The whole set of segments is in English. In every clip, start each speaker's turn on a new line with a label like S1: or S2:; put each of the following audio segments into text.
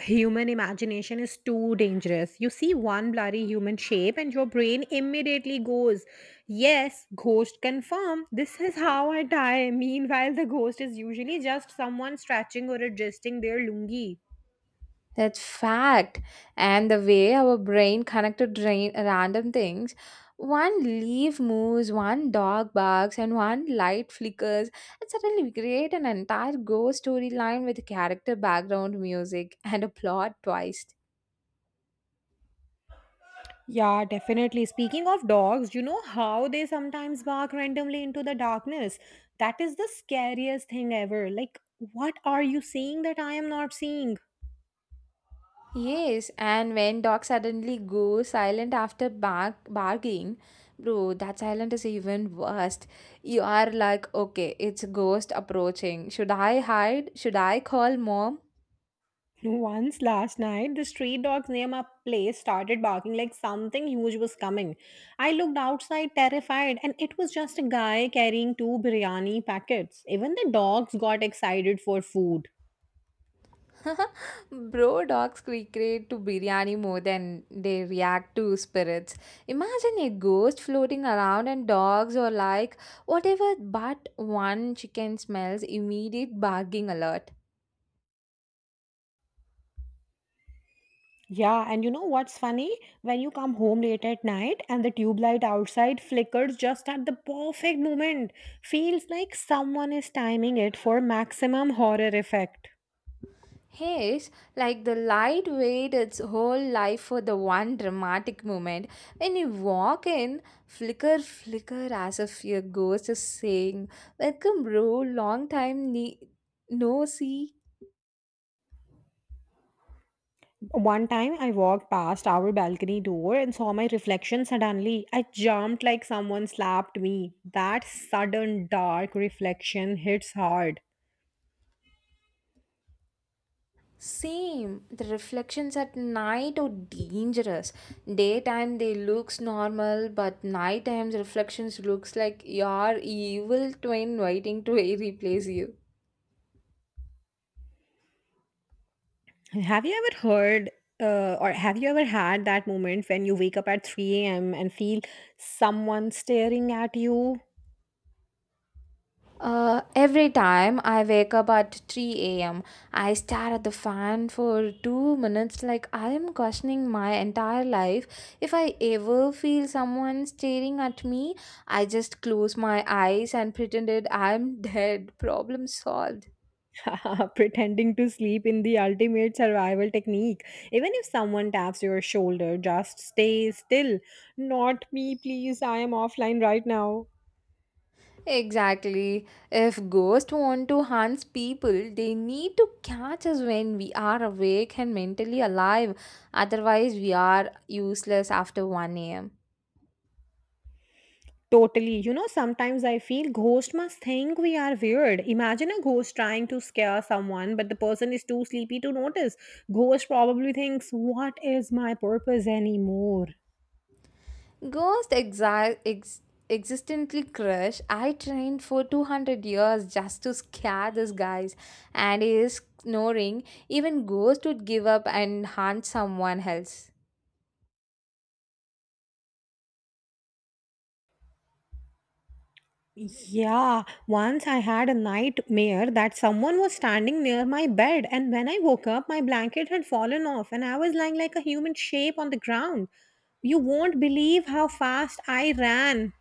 S1: Human imagination is too dangerous. You see one blurry human shape and your brain immediately goes, Yes, ghost confirmed. This is how I die. Meanwhile, the ghost is usually just someone stretching or adjusting their lungi.
S2: That's fact. And the way our brain connected drain, random things one leaf moves, one dog barks, and one light flickers, and suddenly we create an entire ghost storyline with character background music and a plot twist.
S1: Yeah, definitely. Speaking of dogs, you know how they sometimes bark randomly into the darkness? That is the scariest thing ever. Like, what are you seeing that I am not seeing?
S2: Yes, and when dog suddenly goes silent after barking, bro, that silent is even worst. You are like, okay, it's a ghost approaching. Should I hide? Should I call mom?
S1: Once last night, the street dogs near my place started barking like something huge was coming. I looked outside terrified, and it was just a guy carrying two biryani packets. Even the dogs got excited for food.
S2: Bro, dogs recreate to biryani more than they react to spirits. Imagine a ghost floating around and dogs or like whatever but one chicken smells immediate barking alert.
S1: Yeah, and you know what's funny? When you come home late at night and the tube light outside flickers just at the perfect moment, feels like someone is timing it for maximum horror effect.
S2: Haze, like the light wait its whole life for the one dramatic moment. When you walk in, flicker, flicker as if your ghost is saying, welcome bro, long time no see.
S1: One time I walked past our balcony door and saw my reflection suddenly. I jumped like someone slapped me. That sudden dark reflection hits hard.
S2: Same. The reflections at night are dangerous. Daytime they looks normal, but nighttime reflections looks like your evil twin waiting to replace you.
S1: Have you ever heard or have you ever had that moment when you wake up at 3 a.m. and feel someone staring at you?
S2: Every time I wake up at 3 a.m., I stare at the fan for 2 minutes like I am questioning my entire life. If I ever feel someone staring at me, I just close my eyes and pretended I'm dead. Problem solved.
S1: Pretending to sleep in the ultimate survival technique. Even if someone taps your shoulder, just stay still. Not me, please. I am offline right now.
S2: Exactly. If ghosts want to hunt people, they need to catch us when we are awake and mentally alive. Otherwise, we are useless after 1 a.m.
S1: Totally. You know, sometimes I feel ghosts must think we are weird. Imagine a ghost trying to scare someone, but the person is too sleepy to notice. Ghost probably thinks, What is my purpose anymore?
S2: Ghost exi- ex- Existently crush. I trained for 200 years just to scare these guys, and he is snoring. Even ghost would give up and hunt someone else.
S1: Yeah, once I had a nightmare that someone was standing near my bed, and when I woke up, my blanket had fallen off, and I was lying like a human shape on the ground. You won't believe how fast I ran.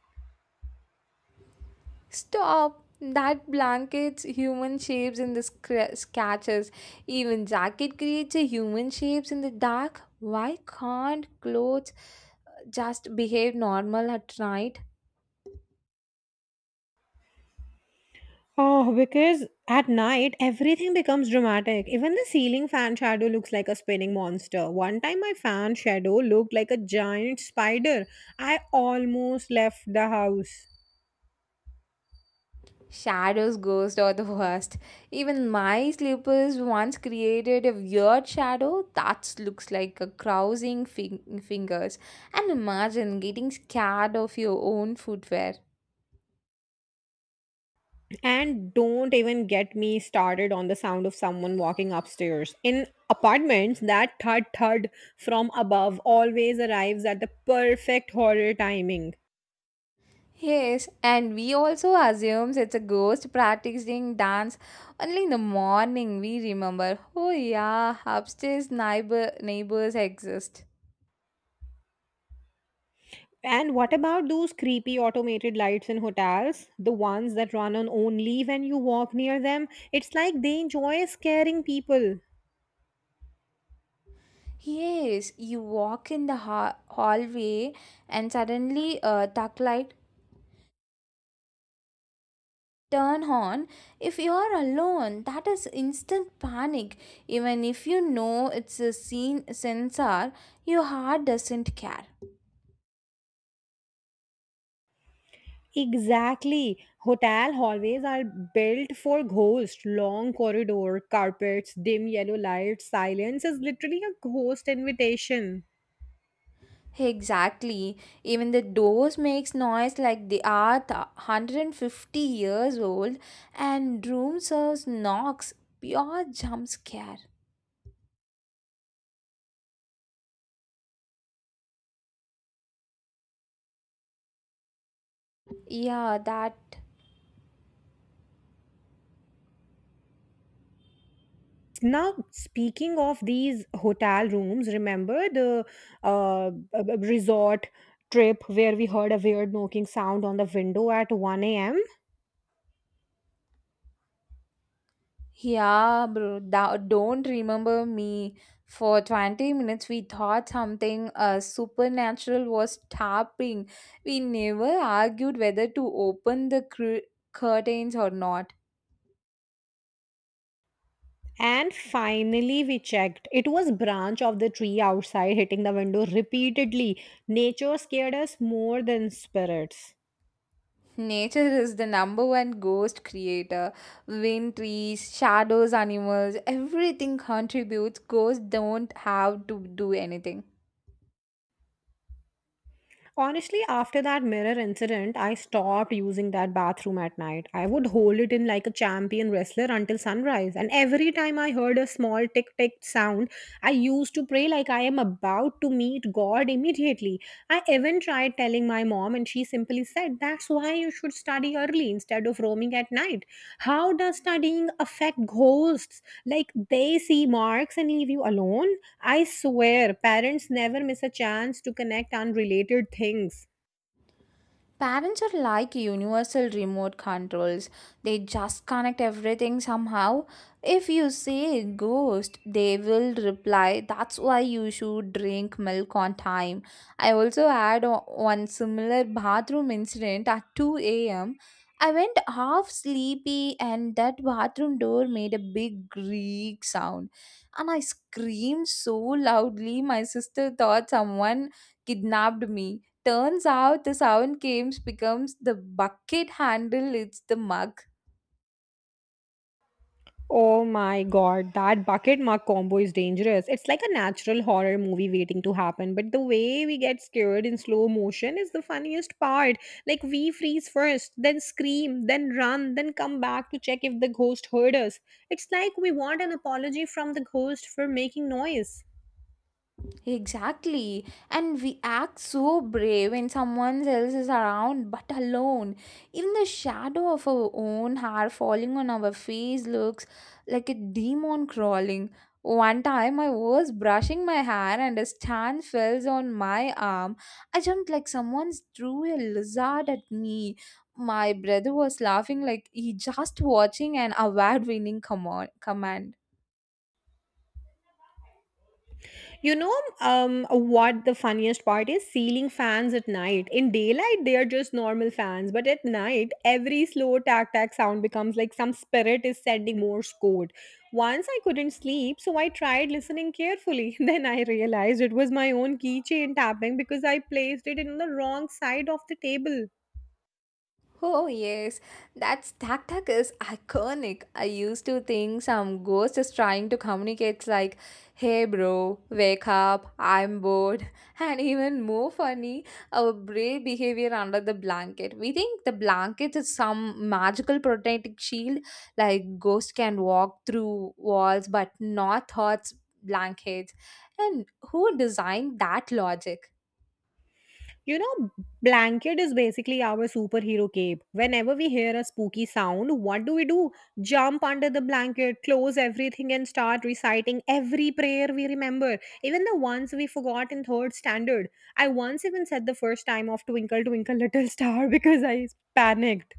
S2: Stop! That blanket's human shapes in the scratches. Even jacket creates a human shapes in the dark. Why can't clothes just behave normal at night?
S1: Oh, because at night everything becomes dramatic. Even the ceiling fan shadow looks like a spinning monster. One time my fan shadow looked like a giant spider. I almost left the house.
S2: Shadows, ghosts are the worst. Even my slippers once created a weird shadow that looks like a crossing fingers. And imagine getting scared of your own footwear.
S1: And don't even get me started on the sound of someone walking upstairs. In apartments, that thud thud from above always arrives at the perfect horror timing.
S2: Yes, and we also assumes it's a ghost practicing dance only in the morning. We remember, oh yeah, upstairs neighbors exist.
S1: And what about those creepy automated lights in hotels? The ones that run on only when you walk near them? It's like they enjoy scaring people.
S2: Yes, you walk in the hallway and suddenly a duck light turn on. If you are alone, that is instant panic. Even if you know it's a scene sensor, your heart doesn't care.
S1: Exactly. Hotel hallways are built for ghosts. Long corridor, carpets, dim yellow lights, silence is literally a ghost invitation.
S2: Exactly. Even the doors makes noise like they are 150 years old and room serves knocks. Pure jump scare. Yeah, that.
S1: Now, speaking of these hotel rooms, remember the resort trip where we heard a weird knocking sound on the window at 1 a.m.?
S2: Yeah, bro. Don't remember me. For 20 minutes, we thought something supernatural was tapping. We never argued whether to open the curtains or not.
S1: And finally, we checked. It was branch of the tree outside hitting the window repeatedly. Nature scared us more than spirits.
S2: Nature is the number one ghost creator. Wind, trees, shadows, animals, everything contributes. Ghosts don't have to do anything.
S1: Honestly, after that mirror incident, I stopped using that bathroom at night. I would hold it in like a champion wrestler until sunrise. And every time I heard a small tick tick sound, I used to pray like I am about to meet God immediately. I even tried telling my mom, and she simply said, That's why you should study early instead of roaming at night. How does studying affect ghosts? Like they see marks and leave you alone? I swear, parents never miss a chance to connect unrelated things.
S2: Parents are like universal remote controls. They just connect everything somehow. If you say ghost, they will reply, that's why you should drink milk on time. I also had one similar bathroom incident at 2 a.m. I went half sleepy, and that bathroom door made a big creak sound. And I screamed so loudly, my sister thought someone kidnapped me. Turns out the sound games becomes the bucket handle, it's the mug.
S1: Oh my god, that bucket mark combo is dangerous. It's like a natural horror movie waiting to happen, but the way we get scared in slow motion is the funniest part. Like, we freeze first, then scream, then run, then come back to check if the ghost heard us. It's like we want an apology from the ghost for making noise.
S2: Exactly. And we act so brave when someone else is around but alone. Even the shadow of our own hair falling on our face looks like a demon crawling. One time I was brushing my hair and a stand fell on my arm. I jumped like someone threw a lizard at me. My brother was laughing like he just watching an award winning command.
S1: You know what the funniest part is? Ceiling fans at night. In daylight, they are just normal fans, but at night, every slow tack tack sound becomes like some spirit is sending Morse code. Once I couldn't sleep, so I tried listening carefully. Then I realized it was my own keychain tapping because I placed it in the wrong side of the table.
S2: Oh yes, that stack duck is iconic. I used to think some ghost is trying to communicate like, "Hey bro, wake up, I'm bored." And even more funny, our brave behavior under the blanket. We think the blanket is some magical protective shield, like ghost can walk through walls but not thoughts blankets. And who designed that logic?
S1: You know, blanket is basically our superhero cape. Whenever we hear a spooky sound, what do we do? Jump under the blanket, close everything, and start reciting every prayer we remember, even the ones we forgot in third standard. I once even said the first time of Twinkle, Twinkle, Little Star because I panicked.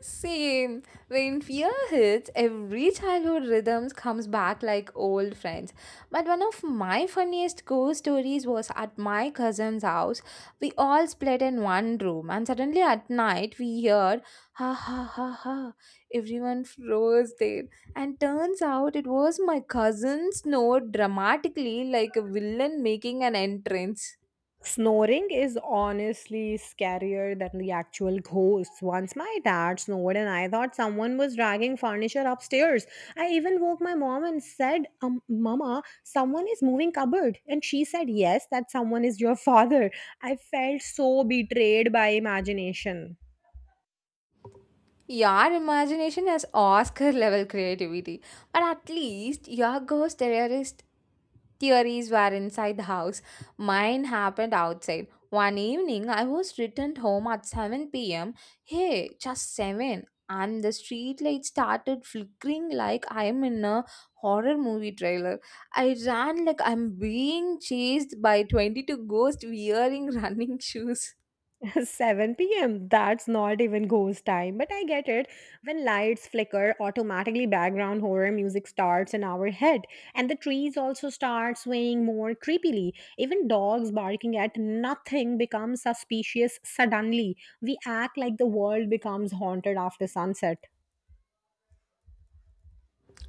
S2: Same. When fear hits, every childhood rhythms comes back like old friends. But one of my funniest ghost stories was at my cousin's house. We all split in one room, and suddenly at night we heard ha ha ha ha. Everyone froze there, and turns out it was my cousin snored dramatically like a villain making an entrance.
S1: Snoring is honestly scarier than the actual ghosts. Once my dad snored and I thought someone was dragging furniture upstairs. I even woke my mom and said, Mama, someone is moving cupboard. And she said, Yes, that someone is your father. I felt so betrayed by imagination.
S2: Your imagination has Oscar level creativity, but at least your ghost terrorist theories were inside the house. Mine happened outside. One evening, I was returned home at 7 pm. Hey, just 7. And the street light started flickering like I'm in a horror movie trailer. I ran like I'm being chased by 22 ghosts wearing running shoes.
S1: 7 p.m. That's not even ghost time, but I get it. When lights flicker, automatically background horror music starts in our head, and the trees also start swaying more creepily. Even dogs barking at nothing becomes suspicious suddenly. We act like the world becomes haunted after sunset.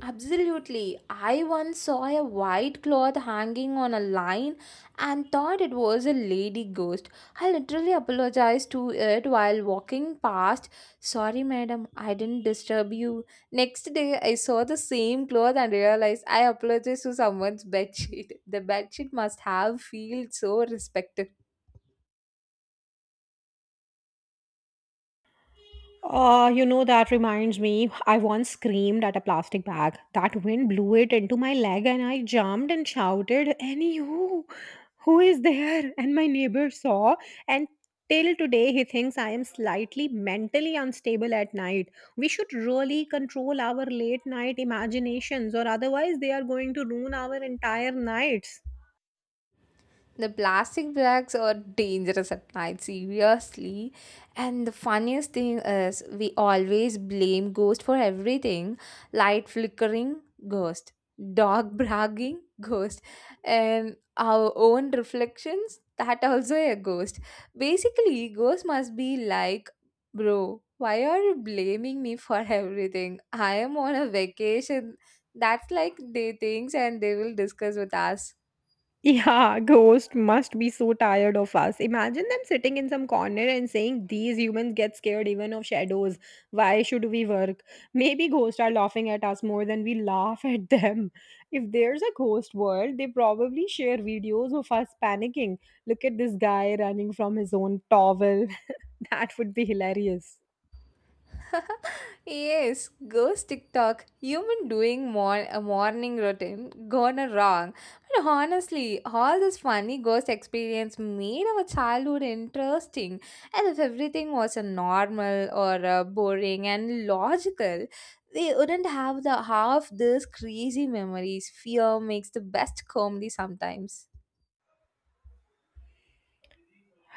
S2: Absolutely. I once saw a white cloth hanging on a line and thought it was a lady ghost. I literally apologized to it while walking past. Sorry, madam, I didn't disturb you. Next day, I saw the same cloth and realized I apologized to someone's bedsheet. The bedsheet must have felt so respectful.
S1: You know, that reminds me, I once screamed at a plastic bag. That wind blew it into my leg, and I jumped and shouted, Annie, who? Who is there? And my neighbor saw, and till today, he thinks I am slightly mentally unstable at night. We should really control our late night imaginations, or otherwise, they are going to ruin our entire nights.
S2: The plastic bags are dangerous at night, seriously. And the funniest thing is, we always blame ghost for everything. Light flickering, ghost. Dog bragging, ghost. And our own reflections, that also a ghost. Basically, ghost must be like, bro, why are you blaming me for everything? I am on a vacation. That's like they things and they will discuss with us.
S1: Yeah, ghost must be so tired of us. Imagine them sitting in some corner and saying, These humans get scared even of shadows. Why should we work? Maybe ghosts are laughing at us more than we laugh at them. If there's a ghost world, they probably share videos of us panicking. Look at this guy running from his own towel. that would be hilarious.
S2: Yes, ghost TikTok, human doing a morning routine gone wrong. But honestly, all this funny ghost experience made our childhood interesting. And if everything was a normal or boring and logical, they wouldn't have the half these crazy memories. Fear makes the best comedy sometimes.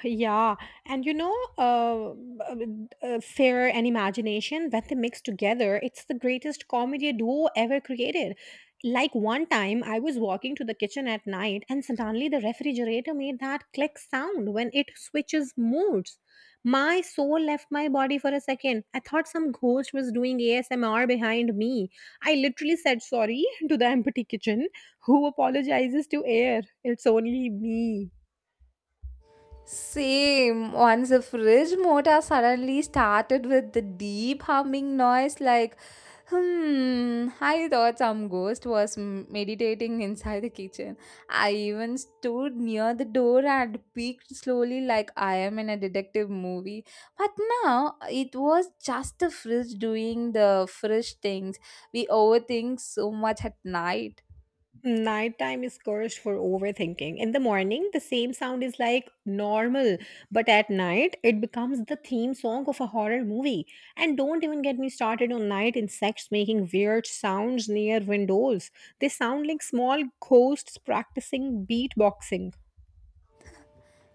S1: Yeah, and you know, fear and imagination when they mix together, it's the greatest comedy duo ever created. Like one time, I was walking to the kitchen at night, and suddenly the refrigerator made that click sound when it switches modes. My soul left my body for a second. I thought some ghost was doing ASMR behind me. I literally said sorry to the empty kitchen. Who apologizes to air? It's only me.
S2: Same. Once the fridge motor suddenly started with the deep humming noise, like, hmm, I thought some ghost was meditating inside the kitchen. I even stood near the door and peeked slowly, like I am in a detective movie. But now it was just the fridge doing the fridge things. We overthink so much at night.
S1: Nighttime is cursed for overthinking. In the morning, the same sound is like normal, but at night, it becomes the theme song of a horror movie. And don't even get me started on night insects making weird sounds near windows. They sound like small ghosts practicing beatboxing.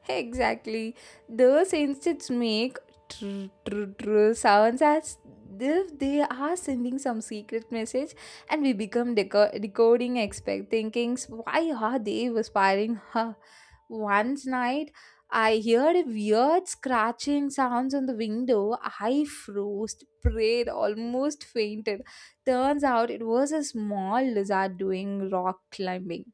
S2: Exactly. Those insects make sounds as if they are sending some secret message and we become decoding expect thinking, why are they whispering huh? Once night I heard a weird scratching sounds on the window. I froze, prayed, almost fainted. Turns out it was a small lizard doing rock climbing.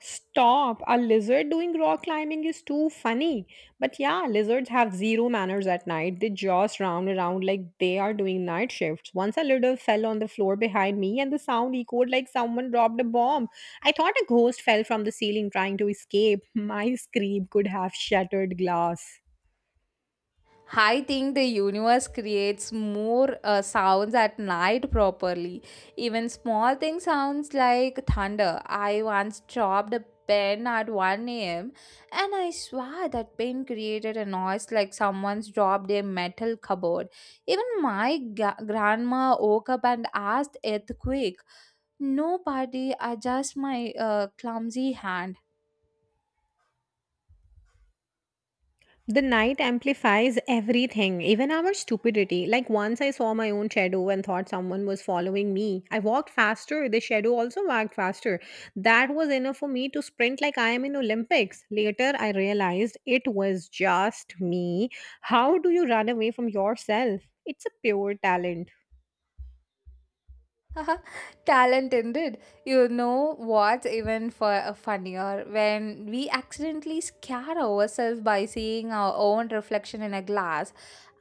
S1: Stop! A lizard doing rock climbing is too funny. But yeah, lizards have zero manners at night. They just round around like they are doing night shifts. Once a lizard fell on the floor behind me and the sound echoed like someone dropped a bomb. I thought a ghost fell from the ceiling trying to escape. My scream could have shattered glass.
S2: I think the universe creates more sounds at night properly. Even small things sounds like thunder. I once dropped a pen at 1 a.m. and I swear that pen created a noise like someone's dropped a metal cupboard. Even my grandma woke up and asked earthquake. Nobody adjust my clumsy hand.
S1: The night amplifies everything, even our stupidity. Like once I saw my own shadow and thought someone was following me. I walked faster, the shadow also walked faster. That was enough for me to sprint like I am in Olympics. Later I realized it was just me. How do you run away from yourself? It's a pure talent.
S2: Talent indeed. You know what's even for funnier when we accidentally scare ourselves by seeing our own reflection in a glass.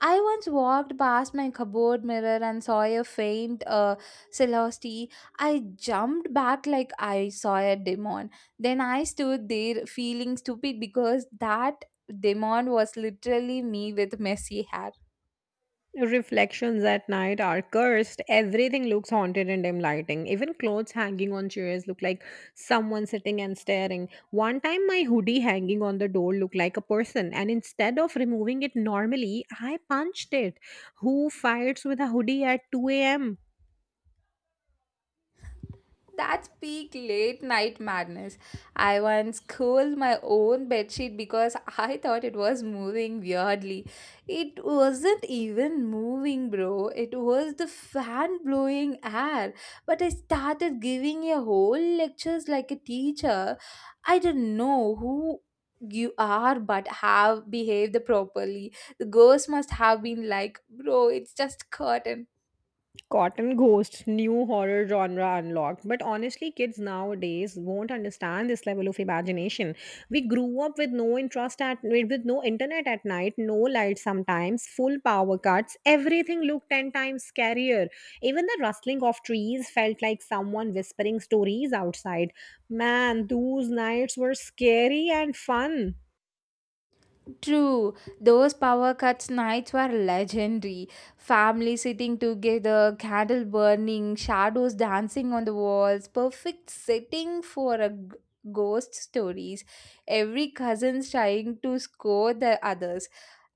S2: I once walked past my cupboard mirror and saw a faint celosity. I jumped back like I saw a demon. Then I stood there feeling stupid because that demon was literally me with messy hair.
S1: Reflections at night are cursed. Everything looks haunted in dim lighting. Even clothes hanging on chairs look like someone sitting and staring. One time, my hoodie hanging on the door looked like a person, and instead of removing it normally, I punched it. Who fights with a hoodie at 2 a.m.?
S2: That's peak late night madness. I once curled my own bedsheet because I thought it was moving weirdly. It wasn't even moving, bro. It was the fan blowing air. But I started giving a whole lectures like a teacher. I don't know who you are but have behaved properly. The girls must have been like, bro, it's just curtain.
S1: Cotton Ghost, new horror genre unlocked. But honestly, kids nowadays won't understand this level of imagination. We grew up with no interest at with no internet at night, no light sometimes, full power cuts. Everything looked 10 times scarier. Even the rustling of trees felt like someone whispering stories outside. Man, those nights were scary and fun.
S2: True, those power cuts nights were legendary. Family sitting together, candle burning, shadows dancing on the walls, perfect setting for a ghost stories. Every cousin's trying to score the others.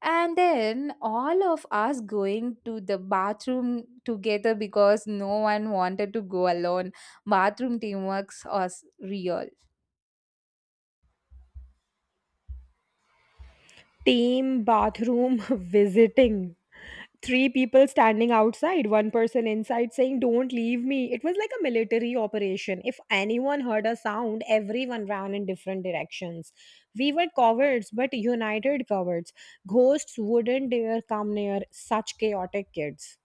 S2: And then all of us going to the bathroom together because no one wanted to go alone. Bathroom teamwork was real.
S1: Team bathroom visiting Three people standing outside, one person inside saying, Don't leave me. It was like a military operation. If anyone heard a sound, everyone ran in different directions. We were cowards, but united cowards. Ghosts wouldn't dare come near such chaotic kids.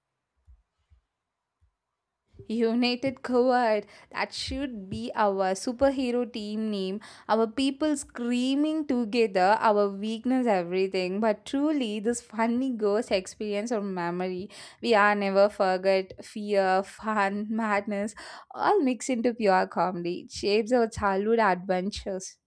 S2: United Coward. That should be our superhero team name. Our people screaming together, our weakness, everything. But truly, this funny ghost experience or memory, we are never forget fear, fun, madness, all mixed into pure comedy. It shapes our childhood adventures.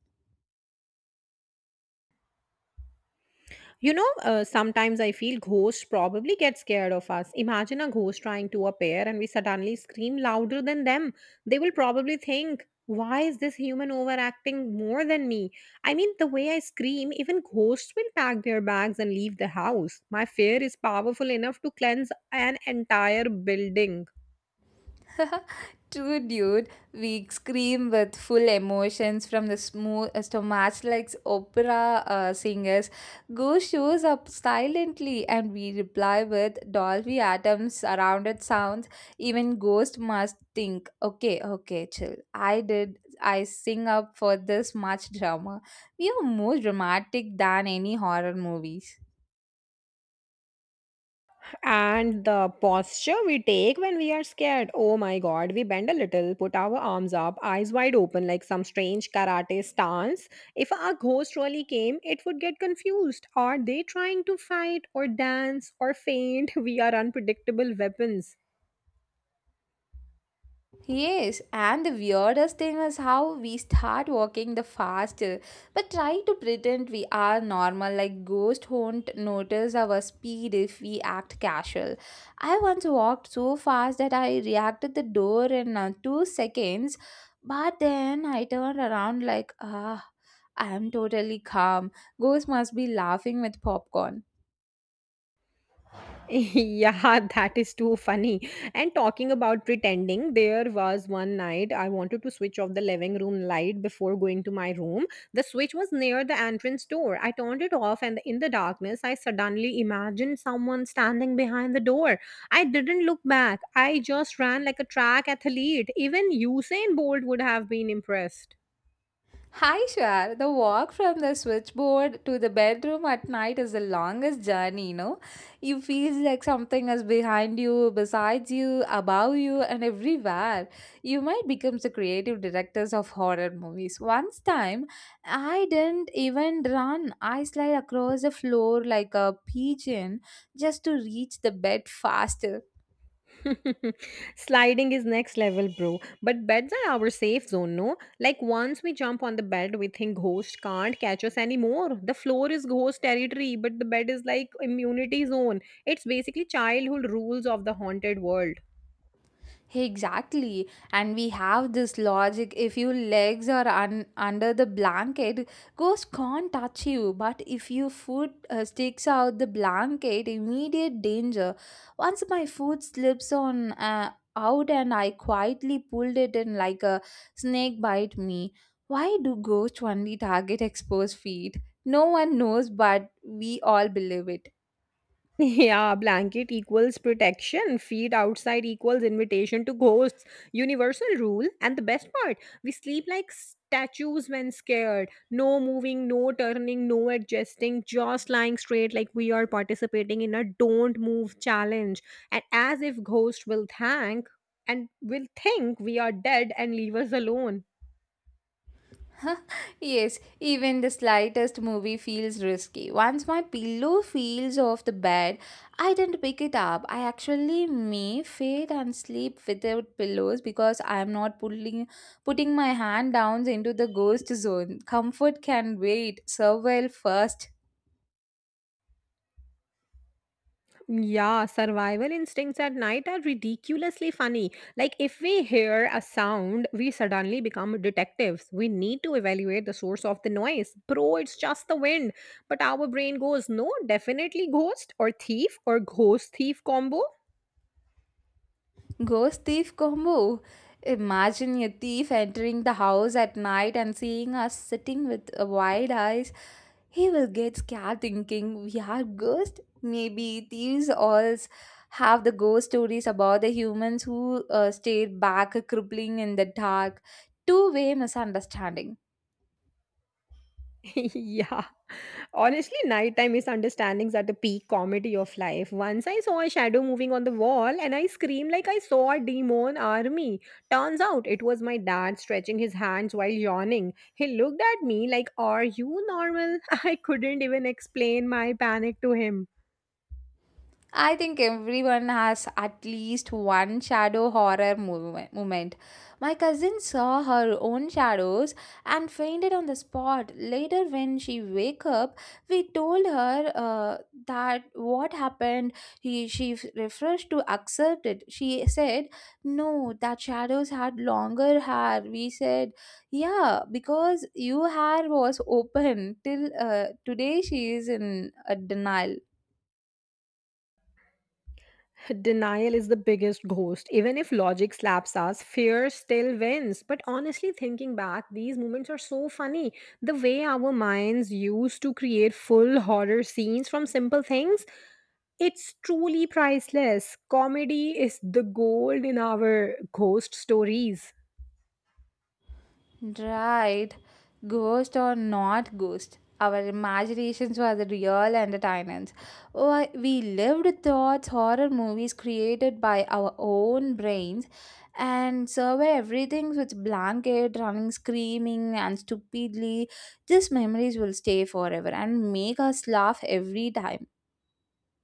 S1: You know, sometimes I feel ghosts probably get scared of us. Imagine a ghost trying to appear and we suddenly scream louder than them. They will probably think, why is this human overacting more than me? I mean, the way I scream, even ghosts will pack their bags and leave the house. My fear is powerful enough to cleanse an entire building.
S2: True, dude. We scream with full emotions from the smooth to match like opera singers. Go shows up silently, and we reply with Dolby Adams surrounded sounds. Even ghost must think. Okay, okay, chill. I did. I sing up for this much drama. We are more dramatic than any horror movies.
S1: And the posture we take when we are scared. Oh my god, we bend a little, put our arms up, eyes wide open, like some strange karate stance. If a ghost really came, it would get confused. Are they trying to fight, or dance, or faint? We are unpredictable weapons.
S2: Yes, and the weirdest thing is how we start walking the faster, but try to pretend we are normal, like ghosts won't notice our speed if we act casual. I once walked so fast that I reacted the door in 2 seconds, but then I turned around like, ah, I am totally calm. Ghosts must be laughing with popcorn.
S1: Yeah, that is too funny. And talking about pretending, there was one night I wanted to switch off the living room light before going to my room. The switch was near the entrance door. I turned it off, and in the darkness, I suddenly imagined someone standing behind the door. I didn't look back, I just ran like a track athlete. Even Usain Bolt would have been impressed.
S2: Hi Shwar, the walk from the switchboard to the bedroom at night is the longest journey, you know. You feel like something is behind you, beside you, above you, and everywhere. You might become the creative directors of horror movies. Once time, I didn't even run. I slide across the floor like a pigeon just to reach the bed faster.
S1: Sliding is next level, bro. But beds are our safe zone, no? Like once we jump on the bed, we think ghost can't catch us anymore. The floor is ghost territory, but the bed is like immunity zone. It's basically childhood rules of the haunted world.
S2: Exactly. And we have this logic if your legs are under the blanket, ghost can't touch you. But if your foot sticks out the blanket, immediate danger. Once my foot slips on out and I quietly pulled it in like a snake bite me. Why do ghosts only target exposed feet? No one knows, but we all believe it.
S1: Yeah, blanket equals protection, feet outside equals invitation to ghosts, universal rule. And the best part, we sleep like statues when scared. No moving, no turning, no adjusting, just lying straight like we are participating in a don't move challenge. And as if ghosts will thank and will think we are dead and leave us alone.
S2: Yes, even the slightest movie feels risky. Once my pillow feels off the bed, I didn't pick it up. I actually may fade and sleep without pillows because I am not putting my hand down into the ghost zone. Comfort can wait. Survival first.
S1: Yeah, survival instincts at night are ridiculously funny. Like, if we hear a sound, we suddenly become detectives. We need to evaluate the source of the noise. Bro, it's just the wind. But our brain goes, no, definitely ghost or thief or ghost thief combo.
S2: Ghost thief combo. Imagine a thief entering the house at night and seeing us sitting with wide eyes. He will get scared thinking we are ghosts. Maybe thieves all have the ghost stories about the humans who stayed back, crippling in the dark. Two-way misunderstanding.
S1: Yeah. Honestly, nighttime misunderstandings are the peak comedy of life. Once I saw a shadow moving on the wall and I screamed like I saw a demon army. Turns out it was my dad stretching his hands while yawning. He looked at me like, are you normal? I couldn't even explain my panic to him.
S2: I think everyone has at least one shadow horror moment. My cousin saw her own shadows and fainted on the spot. Later, when she woke up, we told her that what happened. She refused to accept it. She said, "No, that shadows had longer hair." We said, "Yeah, because your hair was open till today." She is in a denial.
S1: Denial is the biggest ghost. Even if logic slaps us, fear still wins. But honestly, thinking back, these moments are so funny. The way our minds used to create full horror scenes from simple things, it's truly priceless. Comedy is the gold in our ghost stories.
S2: Right. Ghost or not ghost, our imaginations were the real entertainers. Why, we lived thoughts, horror movies created by our own brains, and survey everything with blanket, running, screaming, and stupidly. These memories will stay forever and make us laugh every time.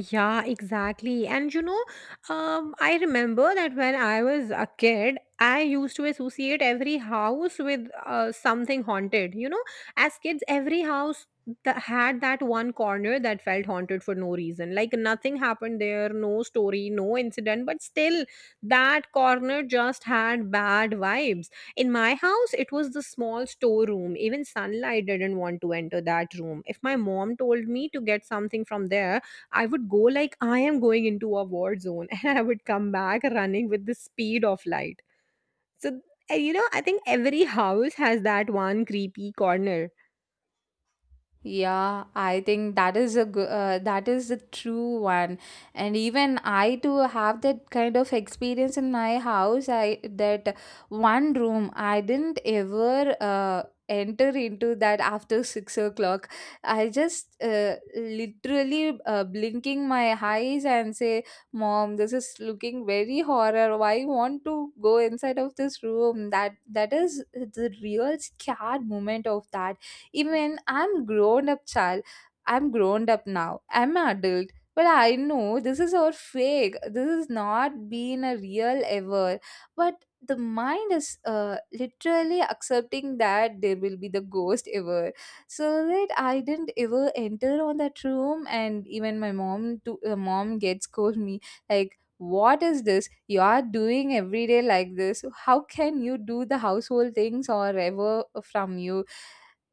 S1: Yeah, exactly. I remember that when I was a kid, I used to associate every house with something haunted. As kids, every house that had that one corner that felt haunted for no reason. Like nothing happened there, no story, no incident, but still, that corner just had bad vibes. In my house, it was the small storeroom. Even sunlight didn't want to enter that room. If my mom told me to get something from there, I would go like I am going into a war zone and I would come back running with the speed of light. So, I think every house has that one creepy corner.
S2: Yeah, I think that is that is the true one. And even I too have that kind of experience in my house. I That one room I didn't ever enter into that after 6 o'clock. I just literally blinking my eyes and say, "Mom, this is looking very horror. Why want to go inside of this room?" That is the real scared moment of that even I'm grown up child. I'm grown up now. I'm an adult. But I know this is all fake. This is not being a real ever. But the mind is literally accepting that there will be the ghost ever, so that I didn't ever enter on that room. And even my mom to mom gets scold me like, what is this you are doing every day like this? How can you do the household things or ever from you?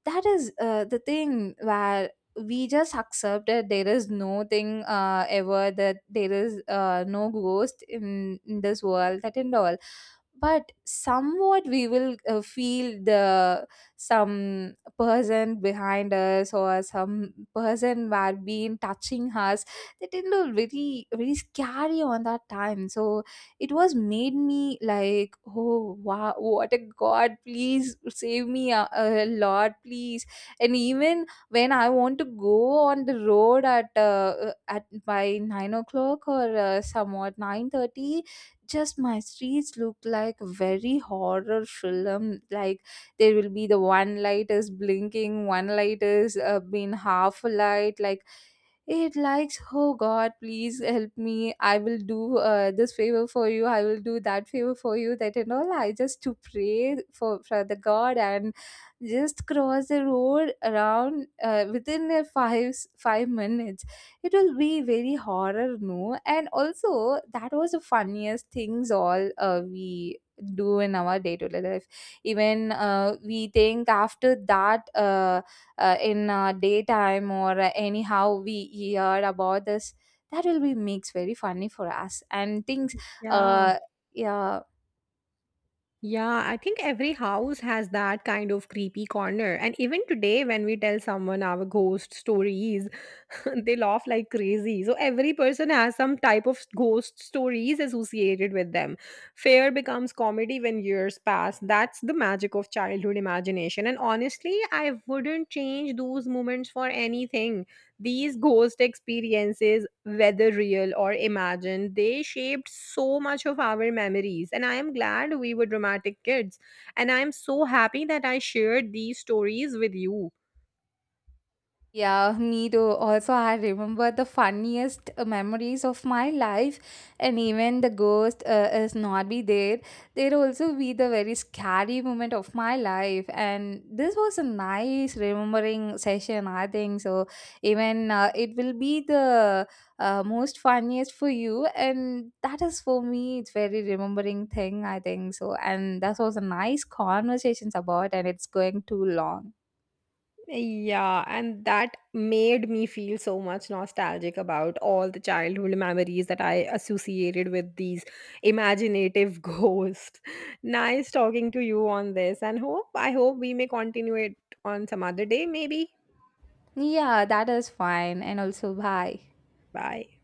S2: That is the thing where we just accept that there is no thing ever, that there is no ghost in this world, that and all. But somewhat we will feel the some person behind us or some person who had been touching us. They didn't look very very scary on that time. So it was made me like, oh wow, what a god, please save me, a lord please. And even when I want to go on the road at by 9 o'clock or somewhat 9:30, just my streets look like a very horror film, like there will be the one light is blinking, one light is been half a light, like it likes, oh god please help me, I will do this favor for you, I will do that favor for you, that and all. I just to pray for the god and just cross the road around within a five minutes. It will be very horror, no? And also that was the funniest things all we do in our day-to-day life. Even we think after that in daytime or anyhow we hear about this, that will be makes very funny for us and things.
S1: Yeah.
S2: uh, yeah.
S1: Yeah, I think every house has that kind of creepy corner. And even today, when we tell someone our ghost stories, they laugh like crazy. So every person has some type of ghost stories associated with them. Fear becomes comedy when years pass. That's the magic of childhood imagination. And honestly, I wouldn't change those moments for anything. These ghost experiences, whether real or imagined, they shaped so much of our memories. And I am glad we were dramatic kids. And I am so happy that I shared these stories with you.
S2: Yeah, me too. Also, I remember the funniest memories of my life, and even the ghost is not be there. There also be the very scary moment of my life, and this was a nice remembering session, I think so. Even it will be the most funniest for you, and that is for me. It's very remembering thing, I think so, and that was a nice conversations about, and it's going too long.
S1: Yeah, and that made me feel so much nostalgic about all the childhood memories that I associated with these imaginative ghosts. Nice talking to you on this, and hope I hope we may continue it on some other day, maybe.
S2: Yeah, that is fine. And also, bye.
S1: Bye.